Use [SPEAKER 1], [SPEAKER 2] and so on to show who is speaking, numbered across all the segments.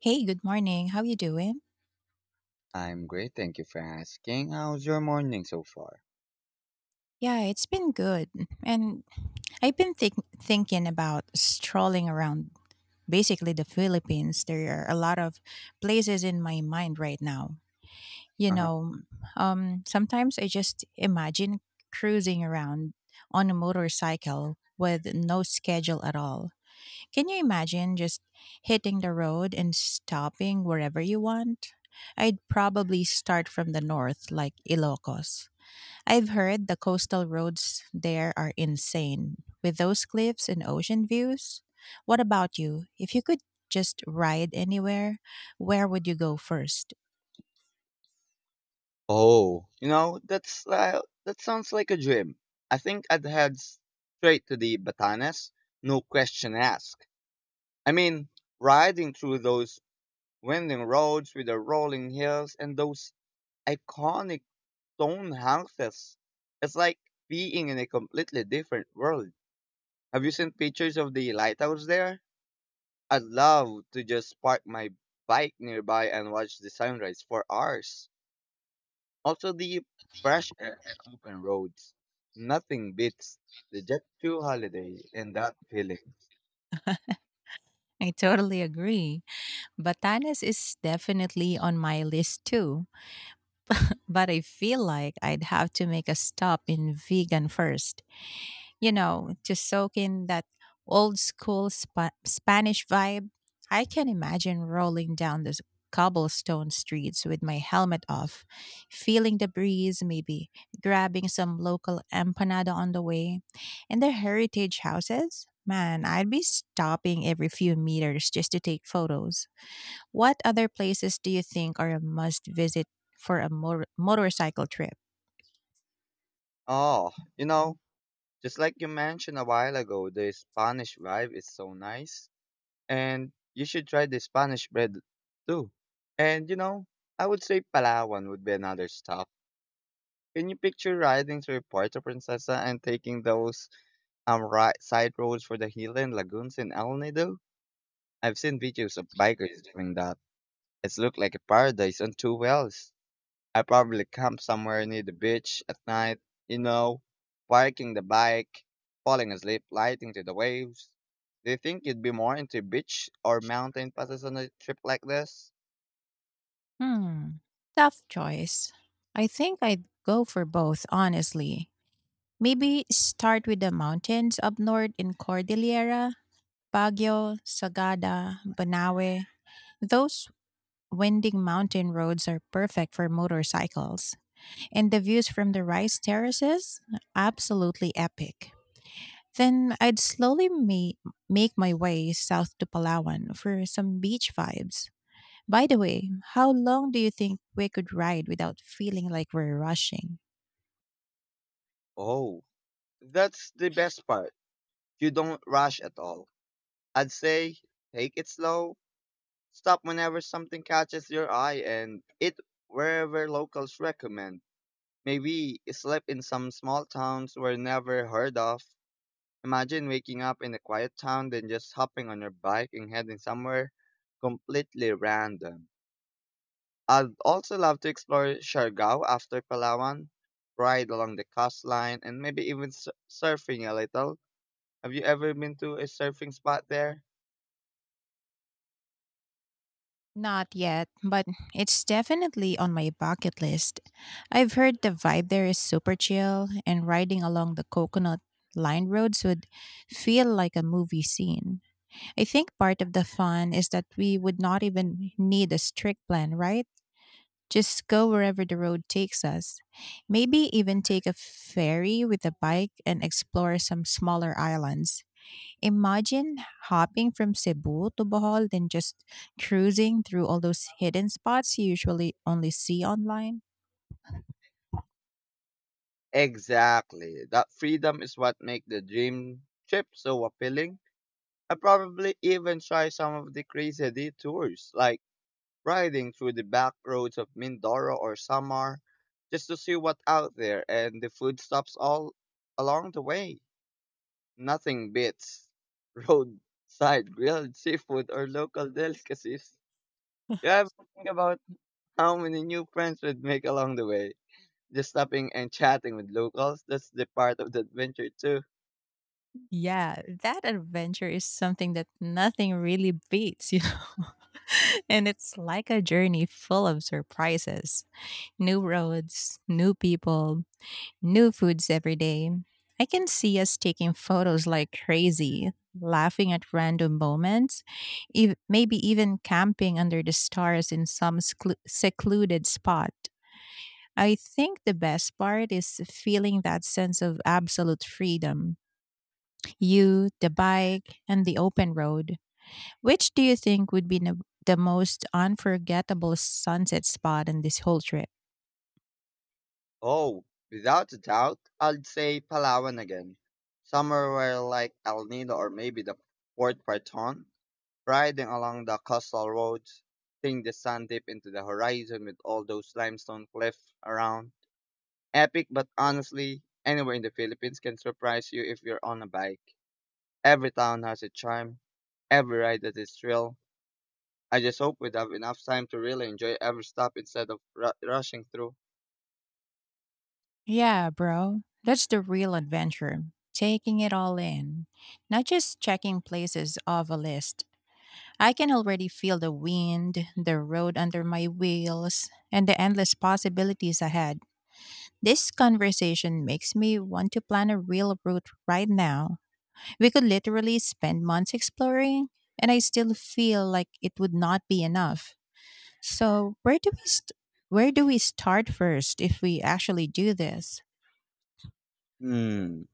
[SPEAKER 1] Hey, good morning. How you doing?
[SPEAKER 2] I'm great, thank you for asking. How's your morning so far?
[SPEAKER 1] Yeah, it's been good. And I've been thinking about strolling around basically the Philippines. There are a lot of places in my mind right now. You
[SPEAKER 2] Uh-huh.
[SPEAKER 1] know, Sometimes I just imagine cruising around on a motorcycle with no schedule at all. Can you imagine just hitting the road and stopping wherever you want? I'd probably start from the north, like Ilocos. I've heard the coastal roads there are insane, with those cliffs and ocean views. What about you? If you could just ride anywhere, where would you go first?
[SPEAKER 2] Oh, you know, that sounds like a dream. I think I'd head straight to the Batanes, no question asked. I mean, riding through those winding roads with the rolling hills and those iconic stone houses. It's like being in a completely different world. Have you seen pictures of the lighthouse there? I'd love to just park my bike nearby and watch the sunrise for hours. Also, the fresh air and open roads. Nothing beats the Jet 2 holiday and that feeling.
[SPEAKER 1] I totally agree. Batanes is definitely on my list too, but I feel like I'd have to make a stop in Vegan first. You know, to soak in that Spanish vibe. I can imagine rolling down those cobblestone streets with my helmet off, feeling the breeze, maybe grabbing some local empanada on the way. And the heritage houses, man, I'd be stopping every few meters just to take photos. What other places do you think are a must visit for a motorcycle trip?
[SPEAKER 2] Oh, you know, just like you mentioned a while ago, the Spanish vibe is so nice. And you should try the Spanish bread too. And you know, I would say Palawan would be another stop. Can you picture riding through Puerto Princesa and taking those right side roads for the Highland Lagoons in El Nido? I've seen videos of bikers doing that. It's looked like a paradise on two wheels. I probably camp somewhere near the beach at night, you know, parking the bike, falling asleep, lighting to the waves. Do you think you'd be more into beach or mountain passes on a trip like this?
[SPEAKER 1] Hmm, tough choice. I think I'd go for both, honestly. Maybe start with the mountains up north in Cordillera, Baguio, Sagada, Banawe. Those winding mountain roads are perfect for motorcycles, and the views from the rice terraces, absolutely epic. Then I'd make my way south to Palawan for some beach vibes. By the way, how long do you think we could ride without feeling like we're rushing?
[SPEAKER 2] Oh, that's the best part. You don't rush at all. I'd say take it slow, stop whenever something catches your eye and eat wherever locals recommend. Maybe sleep in some small towns were never heard of. Imagine waking up in a quiet town then just hopping on your bike and heading somewhere completely random. I'd also love to explore Siargao after Palawan, ride along the coastline, and maybe even surfing a little. Have you ever been to a surfing spot there?
[SPEAKER 1] Not yet, but it's definitely on my bucket list. I've heard the vibe there is super chill, and riding along the coconut lined roads would feel like a movie scene. I think part of the fun is that we would not even need a strict plan, right? Just go wherever the road takes us. Maybe even take a ferry with a bike and explore some smaller islands. Imagine hopping from Cebu to Bohol, then just cruising through all those hidden spots you usually only see online.
[SPEAKER 2] Exactly. That freedom is what makes the dream trip so appealing. I probably even try some of the crazy detours, like riding through the back roads of Mindoro or Samar, just to see what's out there and the food stops all along the way. Nothing beats roadside grilled seafood or local delicacies. You ever think about how many new friends would make along the way? Just stopping and chatting with locals, that's the part of the adventure too.
[SPEAKER 1] Yeah, that adventure is something that nothing really beats, you know. And it's like a journey full of surprises, new roads, new people, new foods every day. I can see us taking photos like crazy, laughing at random moments, maybe even camping under the stars in some secluded spot. I think the best part is feeling that sense of absolute freedom, you, the bike, and the open road. Which do you think would be the most unforgettable sunset spot in this whole trip?
[SPEAKER 2] Oh, without a doubt, I'd say Palawan again. Somewhere like El Nido or maybe the Port Parton, riding along the coastal roads, seeing the sun dip into the horizon with all those limestone cliffs around. Epic, but honestly, anywhere in the Philippines can surprise you if you're on a bike. Every town has a charm, every ride that is thrill. I just hope we'd have enough time to really enjoy every stop instead of rushing through.
[SPEAKER 1] Yeah, bro. That's the real adventure. Taking it all in, not just checking places off a list. I can already feel the wind, the road under my wheels, and the endless possibilities ahead. This conversation makes me want to plan a real route right now. We could literally spend months exploring, and I still feel like it would not be enough. So, where do we start first if we actually do this?
[SPEAKER 2] Hmm.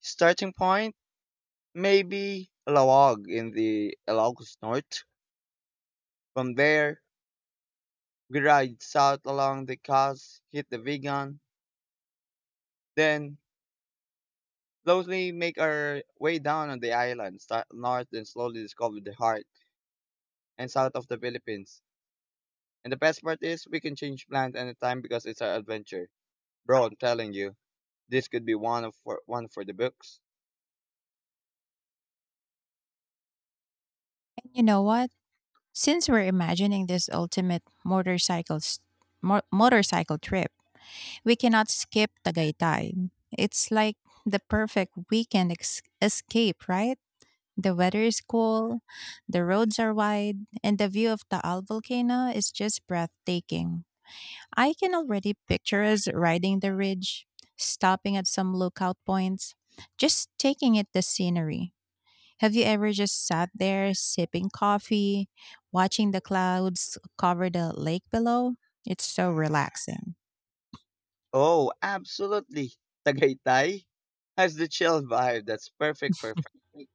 [SPEAKER 2] Starting point? Maybe Lawag in the Ilocos North. From there, we ride south along the coast, hit the Vigan, then slowly make our way down on the island, start north and slowly discover the heart and south of the Philippines. And the best part is we can change plans anytime because it's our adventure. Bro, I'm telling you, this could be one for the books.
[SPEAKER 1] And you know what? Since we're imagining this ultimate motorcycle s- mo- motorcycle trip, we cannot skip Tagaytay. It's like the perfect escape, right? The weather is cool, the roads are wide, and the view of Taal volcano is just breathtaking. I can already picture us riding the ridge, stopping at some lookout points, just taking it the scenery. Have you ever just sat there sipping coffee, watching the clouds cover the lake below? It's so relaxing.
[SPEAKER 2] Oh, absolutely. Tagaytay has the chill vibe that's perfect for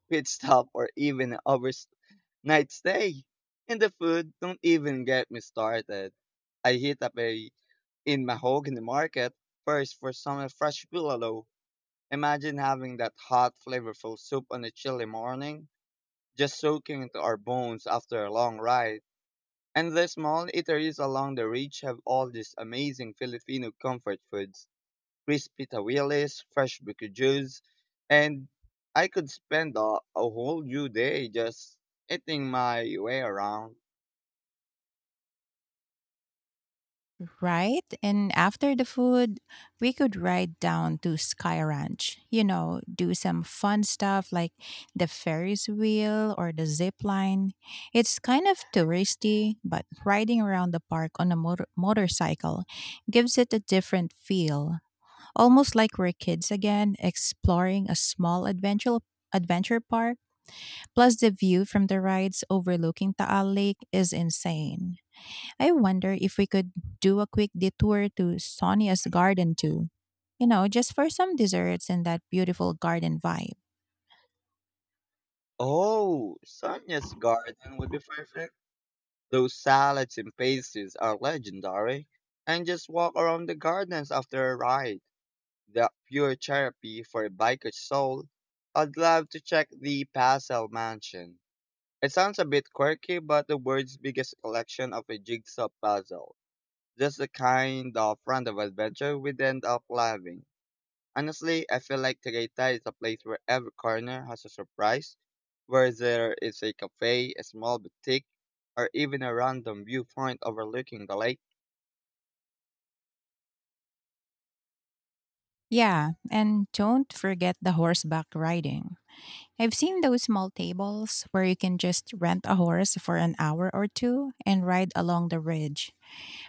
[SPEAKER 2] pit stop or even overstay night stay. And the food, don't even get me started. I hit up a in Mahogany Market first for some fresh pillow. Imagine having that hot, flavorful soup on a chilly morning, just soaking into our bones after a long ride. And the small eateries along the ridge have all these amazing Filipino comfort foods, crispy tawilis, fresh bukujus, and I could spend a whole new day just eating my way around.
[SPEAKER 1] Right? And after the food, we could ride down to Sky Ranch, you know, do some fun stuff like the Ferris wheel or the zip line. It's kind of touristy, but riding around the park on a motorcycle gives it a different feel, almost like we're kids again, exploring a small adventure park. Plus the view from the rides overlooking Taal Lake is insane. I wonder if we could do a quick detour to Sonia's garden too. You know, just for some desserts and that beautiful garden vibe.
[SPEAKER 2] Oh, Sonia's garden would be perfect. Those salads and pastries are legendary. And just walk around the gardens after a ride. The pure therapy for a biker's soul. I'd love to check the Pasel Mansion. It sounds a bit quirky, but the world's biggest collection of a jigsaw puzzle. Just the kind of random adventure we'd end up having. Honestly, I feel like Tagaytay is a place where every corner has a surprise, where there is a cafe, a small boutique, or even a random viewpoint overlooking the lake.
[SPEAKER 1] Yeah, and don't forget the horseback riding. I've seen those small tables where you can just rent a horse for an hour or two and ride along the ridge.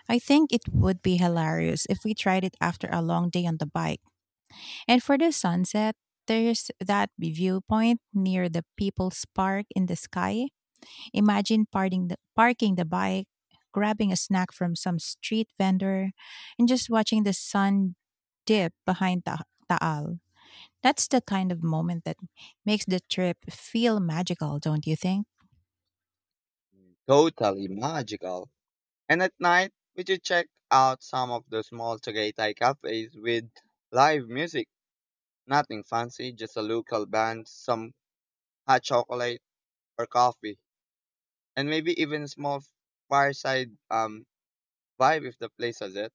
[SPEAKER 1] I think it would be hilarious if we tried it after a long day on the bike. And for the sunset, there's that viewpoint near the People's Park in the sky. Imagine parking the bike, grabbing a snack from some street vendor, and just watching the sun dip behind Taal. That's the kind of moment that makes the trip feel magical, don't you think?
[SPEAKER 2] Totally magical. And at night, we should check out some of the small Tagaytay cafes with live music. Nothing fancy, just a local band, some hot chocolate or coffee, and maybe even a small fireside vibe if the place has it.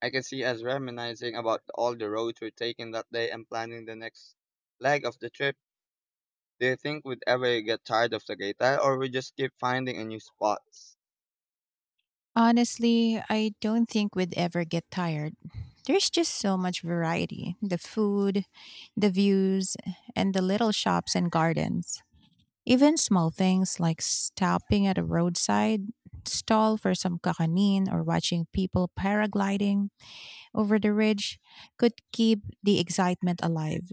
[SPEAKER 2] I can see us reminiscing about all the roads we're taking that day and planning the next leg of the trip. Do you think we'd ever get tired of Tagaytay or we just keep finding a new spots?
[SPEAKER 1] Honestly, I don't think we'd ever get tired. There's just so much variety, the food, the views, and the little shops and gardens. Even small things like stopping at a roadside stall for some kakanin or watching people paragliding over the ridge could keep the excitement alive.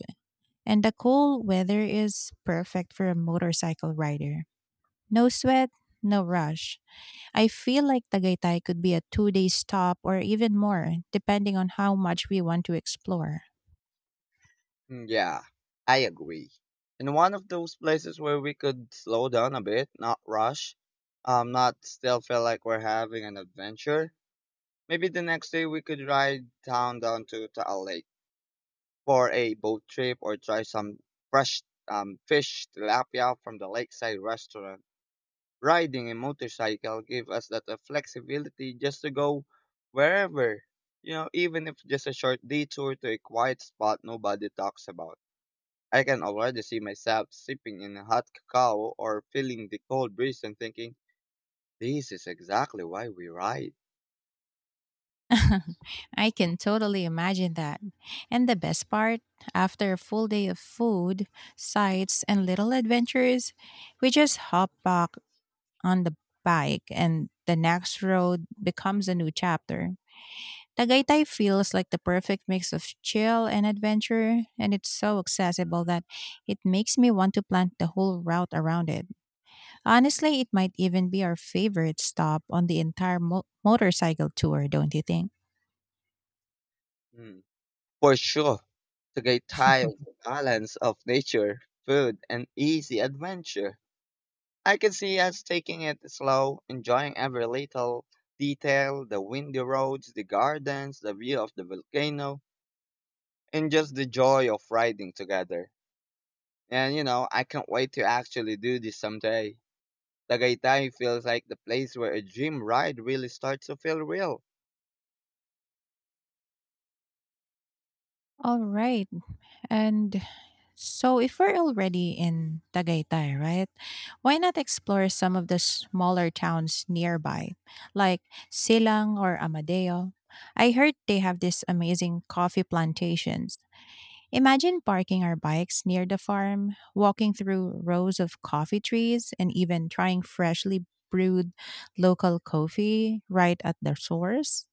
[SPEAKER 1] And the cool weather is perfect for a motorcycle rider. No sweat, no rush. I feel like Tagaytay could be a 2 day stop or even more, depending on how much we want to explore.
[SPEAKER 2] Mm, yeah, I agree. And one of those places where we could slow down a bit, not rush, not still feel like we're having an adventure. Maybe the next day we could ride down to Taal Lake for a boat trip or try some fresh fish tilapia from the lakeside restaurant. Riding a motorcycle gave us that flexibility just to go wherever, you know, even if just a short detour to a quiet spot nobody talks about. I can already see myself sipping in a hot cacao or feeling the cold breeze and thinking, this is exactly why we ride.
[SPEAKER 1] I can totally imagine that. And the best part, after a full day of food, sights, and little adventures, we just hop back on the bike and the next road becomes a new chapter. Tagaytay feels like the perfect mix of chill and adventure, and it's so accessible that it makes me want to plan the whole route around it. Honestly, it might even be our favorite stop on the entire motorcycle tour, don't you think?
[SPEAKER 2] Hmm. For sure, to get tired of the balance of nature, food, and easy adventure. I can see us taking it slow, enjoying every little detail, the windy roads, the gardens, the view of the volcano, and just the joy of riding together. And you know, I can't wait to actually do this someday. Tagaytay feels like the place where a dream ride really starts to feel real.
[SPEAKER 1] All right. And so, if we're already in Tagaytay, right? Why not explore some of the smaller towns nearby, like Silang or Amadeo? I heard they have these amazing coffee plantations. Imagine parking our bikes near the farm, walking through rows of coffee trees, and even trying freshly brewed local coffee right at the source.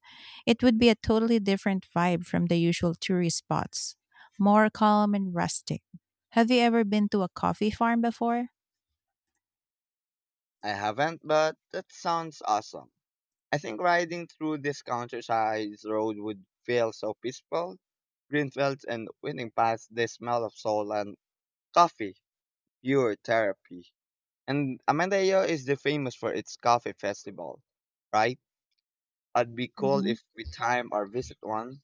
[SPEAKER 1] It would be a totally different vibe from the usual tourist spots, more calm and rustic. Have you ever been to a coffee farm before?
[SPEAKER 2] I haven't, but that sounds awesome. I think riding through this countryside road would feel so peaceful, green fields and winding paths, the smell of soul and coffee. Pure therapy. And Amandayo is the famous for its coffee festival, right? I'd be cool
[SPEAKER 1] Hmm.
[SPEAKER 2] if we time our visit one.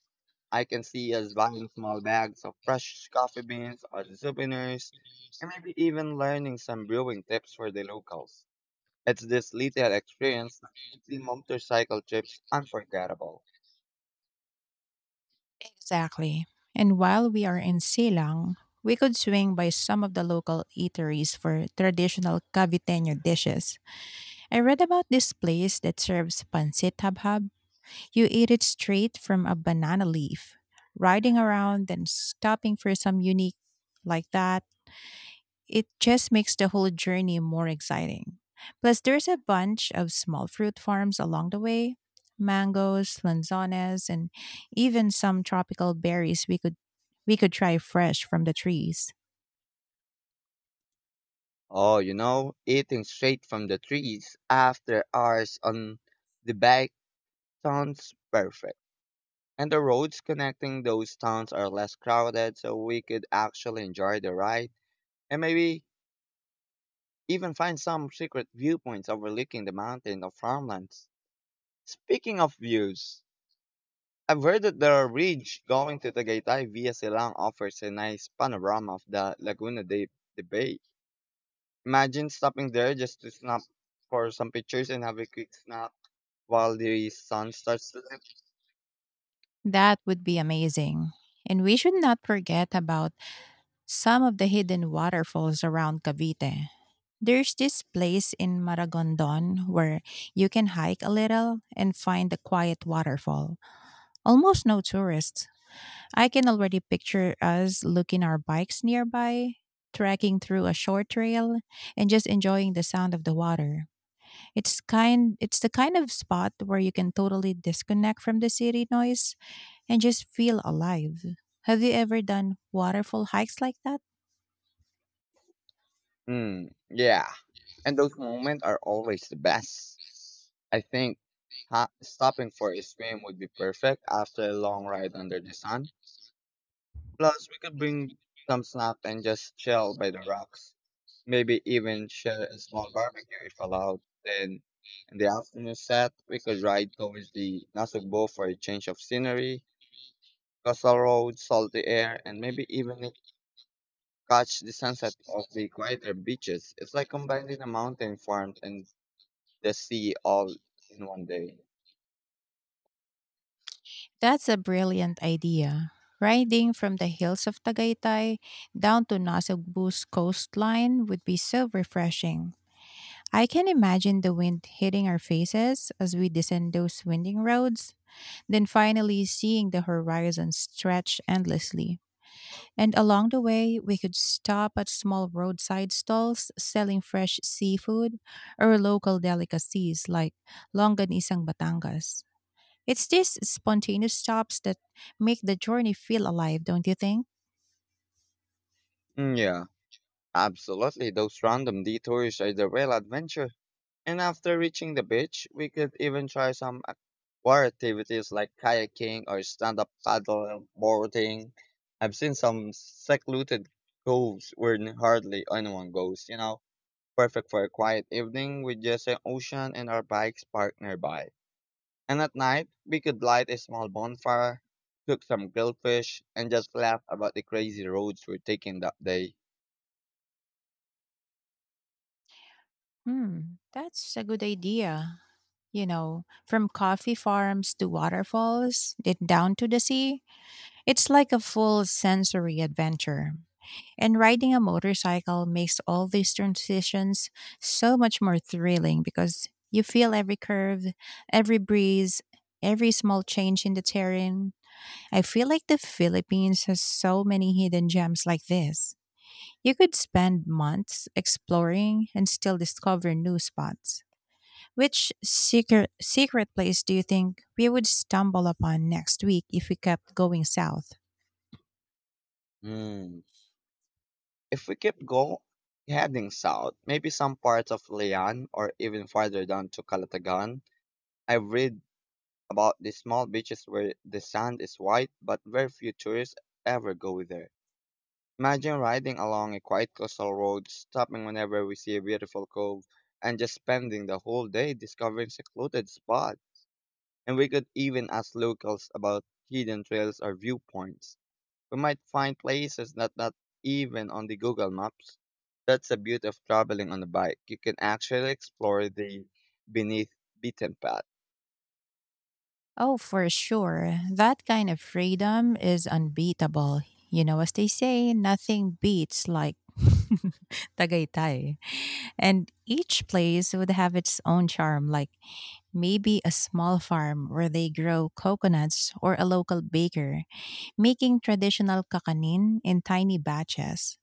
[SPEAKER 2] I can see us buying small bags of fresh coffee beans or souvenirs, and maybe even learning some brewing tips for the locals. It's this little experience that makes the motorcycle trips unforgettable.
[SPEAKER 1] Exactly. And while we are in Silang, we could swing by some of the local eateries for traditional Caviteño dishes. I read about this place that serves pancit habhab. You eat it straight from a banana leaf, riding around and stopping for some unique like that. It just makes the whole journey more exciting. Plus, there's a bunch of small fruit farms along the way, mangoes, lanzones, and even some tropical berries we could try fresh from the trees.
[SPEAKER 2] Oh, you know, eating straight from the trees after hours on the bike sounds perfect. And the roads connecting those towns are less crowded, so we could actually enjoy the ride and maybe even find some secret viewpoints overlooking the mountain or farmlands. Speaking of views, I've heard that the ridge going to Tagaytay via Silang offers a nice panorama of the Laguna de Bay. Imagine stopping there just to snap for some pictures and have a quick snap while the sun starts to dip.
[SPEAKER 1] That would be amazing. And we should not forget about some of the hidden waterfalls around Cavite. There's this place in Maragondon where you can hike a little and find a quiet waterfall. Almost no tourists. I can already picture us looking our bikes nearby, trekking through a short trail and just enjoying the sound of the water. It's kind it's the kind of spot where you can totally disconnect from the city noise and just feel alive. Have you ever done waterfall hikes like that?
[SPEAKER 2] Mm, yeah, and those moments are always the best. I think stopping for a swim would be perfect after a long ride under the sun. Plus, we could bring some snack and just chill by the rocks. Maybe even share a small barbecue if allowed. Then, in the afternoon set, we could ride towards the Nasugbo for a change of scenery, coastal roads, salty air, and maybe even catch the sunset of the quieter beaches. It's like combining the mountain farms and the sea all in one day.
[SPEAKER 1] That's a brilliant idea. Riding from the hills of Tagaytay down to Nasugbu's coastline would be so refreshing. I can imagine the wind hitting our faces as we descend those winding roads, then finally seeing the horizon stretch endlessly. And along the way, we could stop at small roadside stalls selling fresh seafood or local delicacies like longanisang batangas. It's these spontaneous stops that make the journey feel alive, don't you think?
[SPEAKER 2] Mm, yeah, absolutely, those random detours are the real adventure. And after reaching the beach, we could even try some water activities like kayaking or stand-up paddle boarding. I've seen some secluded coves where hardly anyone goes, you know, perfect for a quiet evening with just an ocean and our bikes parked nearby. And at night, we could light a small bonfire, cook some grilled fish, and just laugh about the crazy roads we're taking that day.
[SPEAKER 1] Hmm, that's a good idea. You know, from coffee farms to waterfalls, then down to the sea, it's like a full sensory adventure. And riding a motorcycle makes all these transitions so much more thrilling because you feel every curve, every breeze, every small change in the terrain. I feel like the Philippines has so many hidden gems like this. You could spend months exploring and still discover new spots. Which secret place do you think we would stumble upon next week if we kept going south?
[SPEAKER 2] Hmm. If we keep go Heading south, maybe some parts of Leon or even farther down to Calatagan. I've read about these small beaches where the sand is white, but very few tourists ever go there. Imagine riding along a quiet coastal road, stopping whenever we see a beautiful cove, and just spending the whole day discovering secluded spots. And we could even ask locals about hidden trails or viewpoints. We might find places that not even on the Google Maps. That's the beauty of traveling on a bike. You can actually explore the beneath beaten path.
[SPEAKER 1] Oh, for sure. That kind of freedom is unbeatable. You know, as they say, nothing beats like Tagaytay. And each place would have its own charm, like maybe a small farm where they grow coconuts or a local baker making traditional kakanin in tiny batches.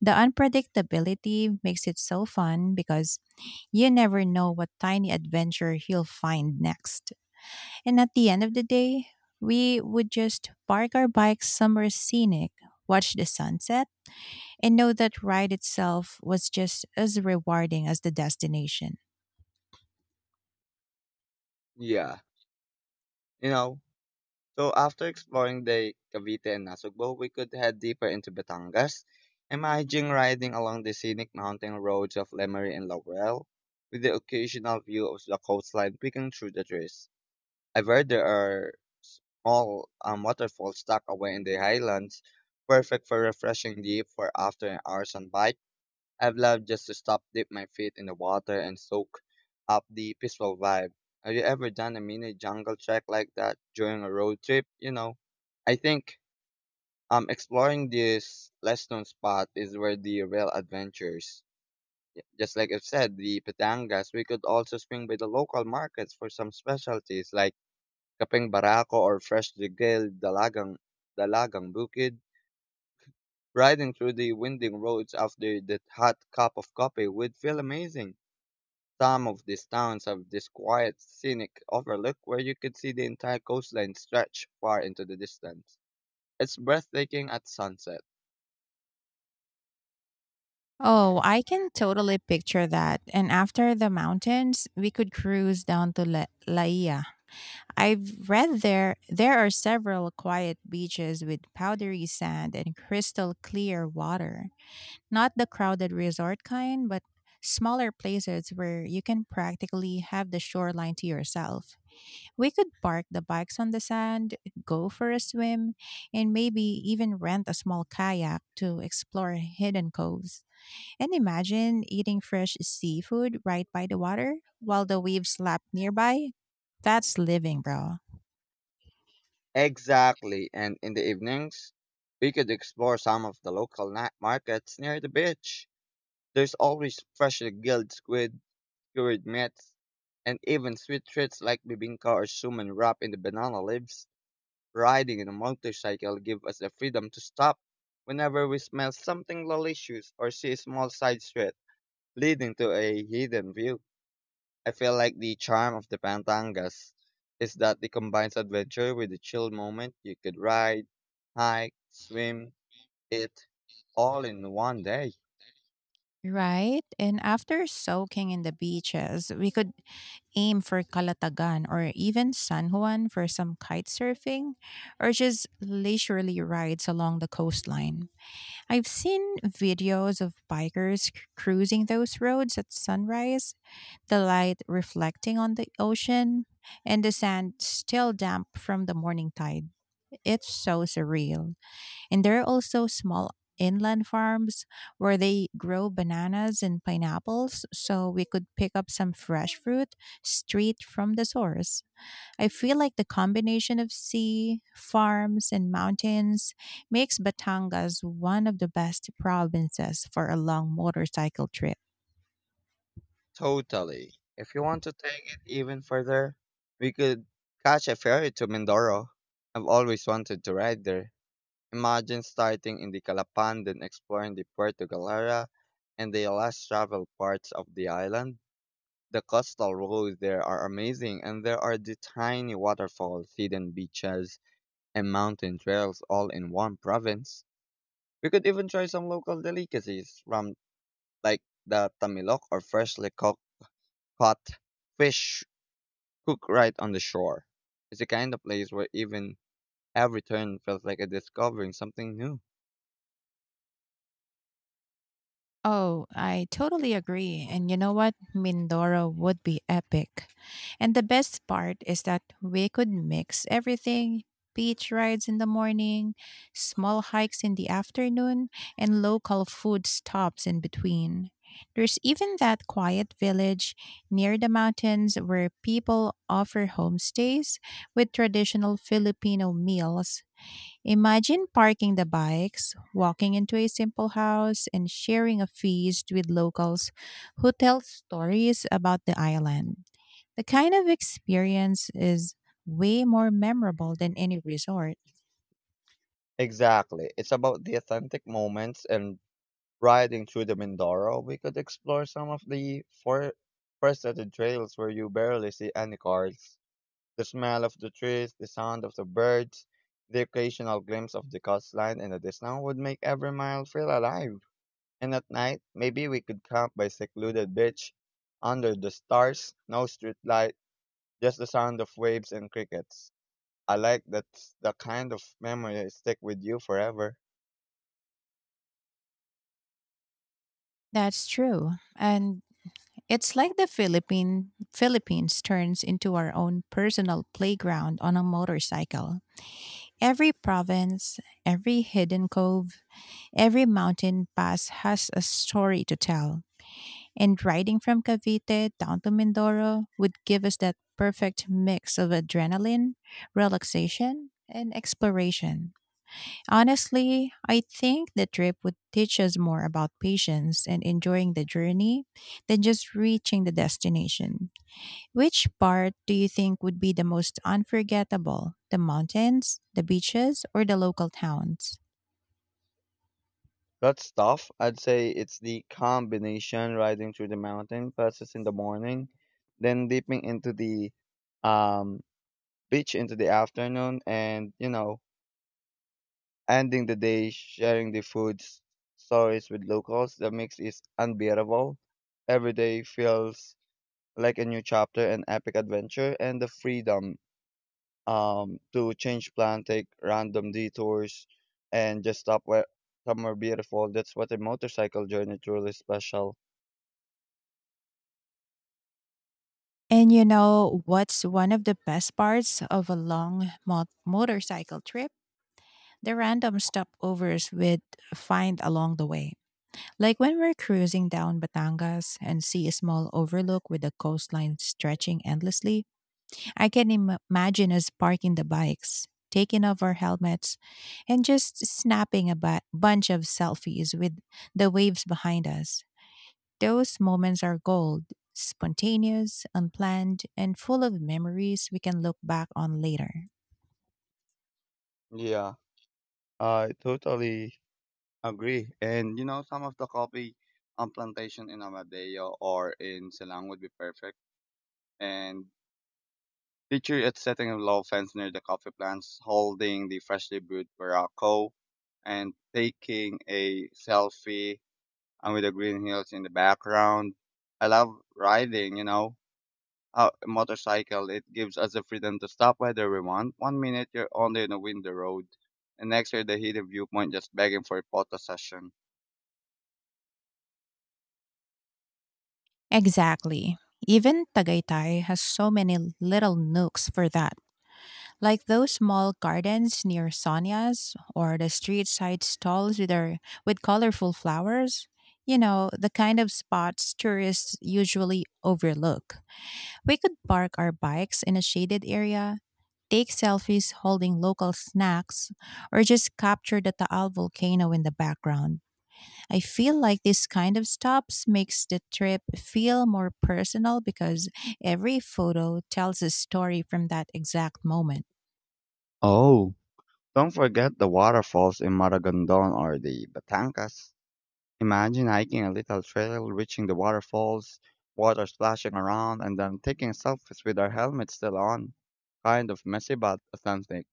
[SPEAKER 1] The unpredictability makes it so fun because you never know what tiny adventure you'll find next. And at the end of the day, we would just park our bikes somewhere scenic, watch the sunset, and know that ride itself was just as rewarding as the destination.
[SPEAKER 2] Yeah. You know, so after exploring the Cavite and Nasugbo, we could head deeper into Batangas. Imagine riding along the scenic mountain roads of Lemery and Laurel with the occasional view of the coastline peeking through the trees. I've heard there are small waterfalls tucked away in the highlands, perfect for refreshing deep for after hours on bike. I've loved just to stop, dip my feet in the water, and soak up the peaceful vibe. Have you ever done a mini jungle trek like that during a road trip? You know, I think exploring this less known spot is where the real adventures. Just like I've said, the Patangas, we could also swing by the local markets for some specialties like Kapeng Barako or freshly grilled dalagang bukid. Riding through the winding roads after that hot cup of coffee would feel amazing. Some of these towns have this quiet, scenic overlook where you could see the entire coastline stretch far into the distance. It's breathtaking at sunset.
[SPEAKER 1] Oh, I can totally picture that. And after the mountains, we could cruise down to Laia. I've read there are several quiet beaches with powdery sand and crystal clear water. Not the crowded resort kind, but smaller places where you can practically have the shoreline to yourself. We could park the bikes on the sand, go for a swim, and maybe even rent a small kayak to explore hidden coves. And imagine eating fresh seafood right by the water while the waves slap nearby. That's living, bro.
[SPEAKER 2] Exactly, and in the evenings, we could explore some of the local night markets near the beach. There's always freshly grilled squid, cured meats, and even sweet treats like bibinka or suman wrapped in the banana leaves. Riding in a motorcycle gives us the freedom to stop whenever we smell something delicious or see a small side street leading to a hidden view. I feel like the charm of the Pantangas is that it combines adventure with a chill moment. You could ride, hike, swim, eat, all in one day.
[SPEAKER 1] Right? And after soaking in the beaches, we could aim for Calatagan or even San Juan for some kite surfing or just leisurely rides along the coastline. I've seen videos of cruising those roads at sunrise, the light reflecting on the ocean, and the sand still damp from the morning tide. It's so surreal. And there are also small inland farms where they grow bananas and pineapples, so we could pick up some fresh fruit straight from the source. I feel like the combination of sea, farms, and mountains makes Batangas one of the best provinces for a long motorcycle trip.
[SPEAKER 2] Totally. If you want to take it even further, we could catch a ferry to Mindoro. I've always wanted to ride there. Imagine starting in the Calapan, then exploring the Puerto Galera and the less traveled parts of the island. The coastal roads there are amazing, and there are the tiny waterfalls, hidden beaches, and mountain trails all in one province. We could even try some local delicacies from, like, the tamilok or freshly cooked caught fish cook right on the shore. It's the kind of place where even every turn feels like a discovering something new.
[SPEAKER 1] Oh, I totally agree. And you know what? Mindoro would be epic. And the best part is that we could mix everything: beach rides in the morning, small hikes in the afternoon, and local food stops in between. There's even that quiet village near the mountains where people offer homestays with traditional Filipino meals. Imagine parking the bikes, walking into a simple house, and sharing a feast with locals who tell stories about the island. The kind of experience is way more memorable than any resort.
[SPEAKER 2] Exactly. It's about the authentic moments, and riding through the Mindoro, we could explore some of the forested trails where you barely see any cars. The smell of the trees, the sound of the birds, the occasional glimpse of the coastline in the distance would make every mile feel alive. And at night, maybe we could camp by secluded beach under the stars, no streetlights, just the sound of waves and crickets. I like that, the kind of memory that stick with you forever.
[SPEAKER 1] That's true. And it's like the Philippines turns into our own personal playground on a motorcycle. Every province, every hidden cove, every mountain pass has a story to tell. And riding from Cavite down to Mindoro would give us that perfect mix of adrenaline, relaxation, and exploration. Honestly, I think the trip would teach us more about patience and enjoying the journey than just reaching the destination. Which part do you think would be the most unforgettable? The mountains, the beaches, or the local towns?
[SPEAKER 2] That stuff, I'd say it's the combination riding through the mountain passes in the morning, then dipping into the um, beach into the afternoon, and you know, ending the day sharing the food stories with locals. The mix is unbearable. Every day feels like a new chapter, an epic adventure, and the freedom to change plan, take random detours, and just stop where somewhere beautiful. That's what a motorcycle journey truly special.
[SPEAKER 1] And you know what's one of the best parts of a long motorcycle trip? The random stopovers we'd find along the way. Like when we're cruising down Batangas and see a small overlook with the coastline stretching endlessly, I can imagine us parking the bikes, taking off our helmets, and just snapping a bunch of selfies with the waves behind us. Those moments are gold, spontaneous, unplanned, and full of memories we can look back on later.
[SPEAKER 2] Yeah, I totally agree. And you know, some of the coffee plantation in Amadeo or in Silang would be perfect. And picture it setting a low fence near the coffee plants, holding the freshly brewed Barako and taking a selfie and with the green hills in the background. I love riding, you know, a motorcycle, it gives us the freedom to stop whether we want. One minute you're only on a windy road, and next you're the hidden viewpoint just begging for a photo session.
[SPEAKER 1] Exactly. Even Tagaytay has so many little nooks for that. Like those small gardens near Sonia's or the street side stalls with their with colorful flowers. You know, the kind of spots tourists usually overlook. We could park our bikes in a shaded area, take selfies holding local snacks, or just capture the Taal volcano in the background. I feel like this kind of stops makes the trip feel more personal because every photo tells a story from that exact moment.
[SPEAKER 2] Oh, don't forget the waterfalls in Maragondon or the Batangas. Imagine hiking a little trail, reaching the waterfalls, water splashing around, and then taking selfies with our helmets still on. Kind of messy but authentic.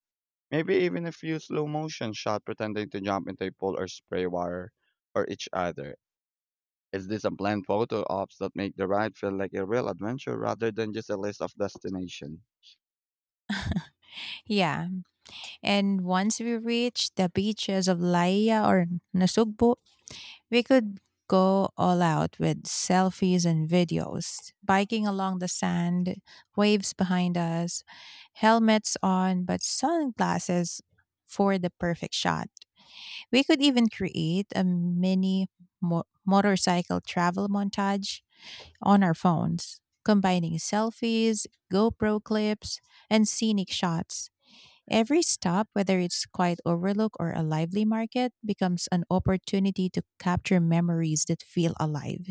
[SPEAKER 2] Maybe even a few slow motion shot pretending to jump into a pool or spray water or each other. Is this a blend photo ops that make the ride feel like a real adventure rather than just a list of destination?
[SPEAKER 1] Yeah, and once we reach the beaches of Laia or Nasugbu, we could go all out with selfies and videos, biking along the sand, waves behind us, helmets on, but sunglasses for the perfect shot. We could even create a mini motorcycle travel montage on our phones, combining selfies, GoPro clips, and scenic shots. Every stop, whether it's quiet overlook or a lively market, becomes an opportunity to capture memories that feel alive.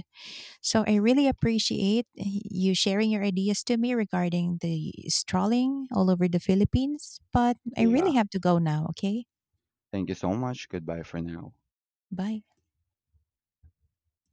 [SPEAKER 1] So I really appreciate you sharing your ideas to me regarding the strolling all over the Philippines, but I really
[SPEAKER 2] Yeah.
[SPEAKER 1] have to go now, okay?
[SPEAKER 2] Thank you so much. Goodbye for now.
[SPEAKER 1] Bye.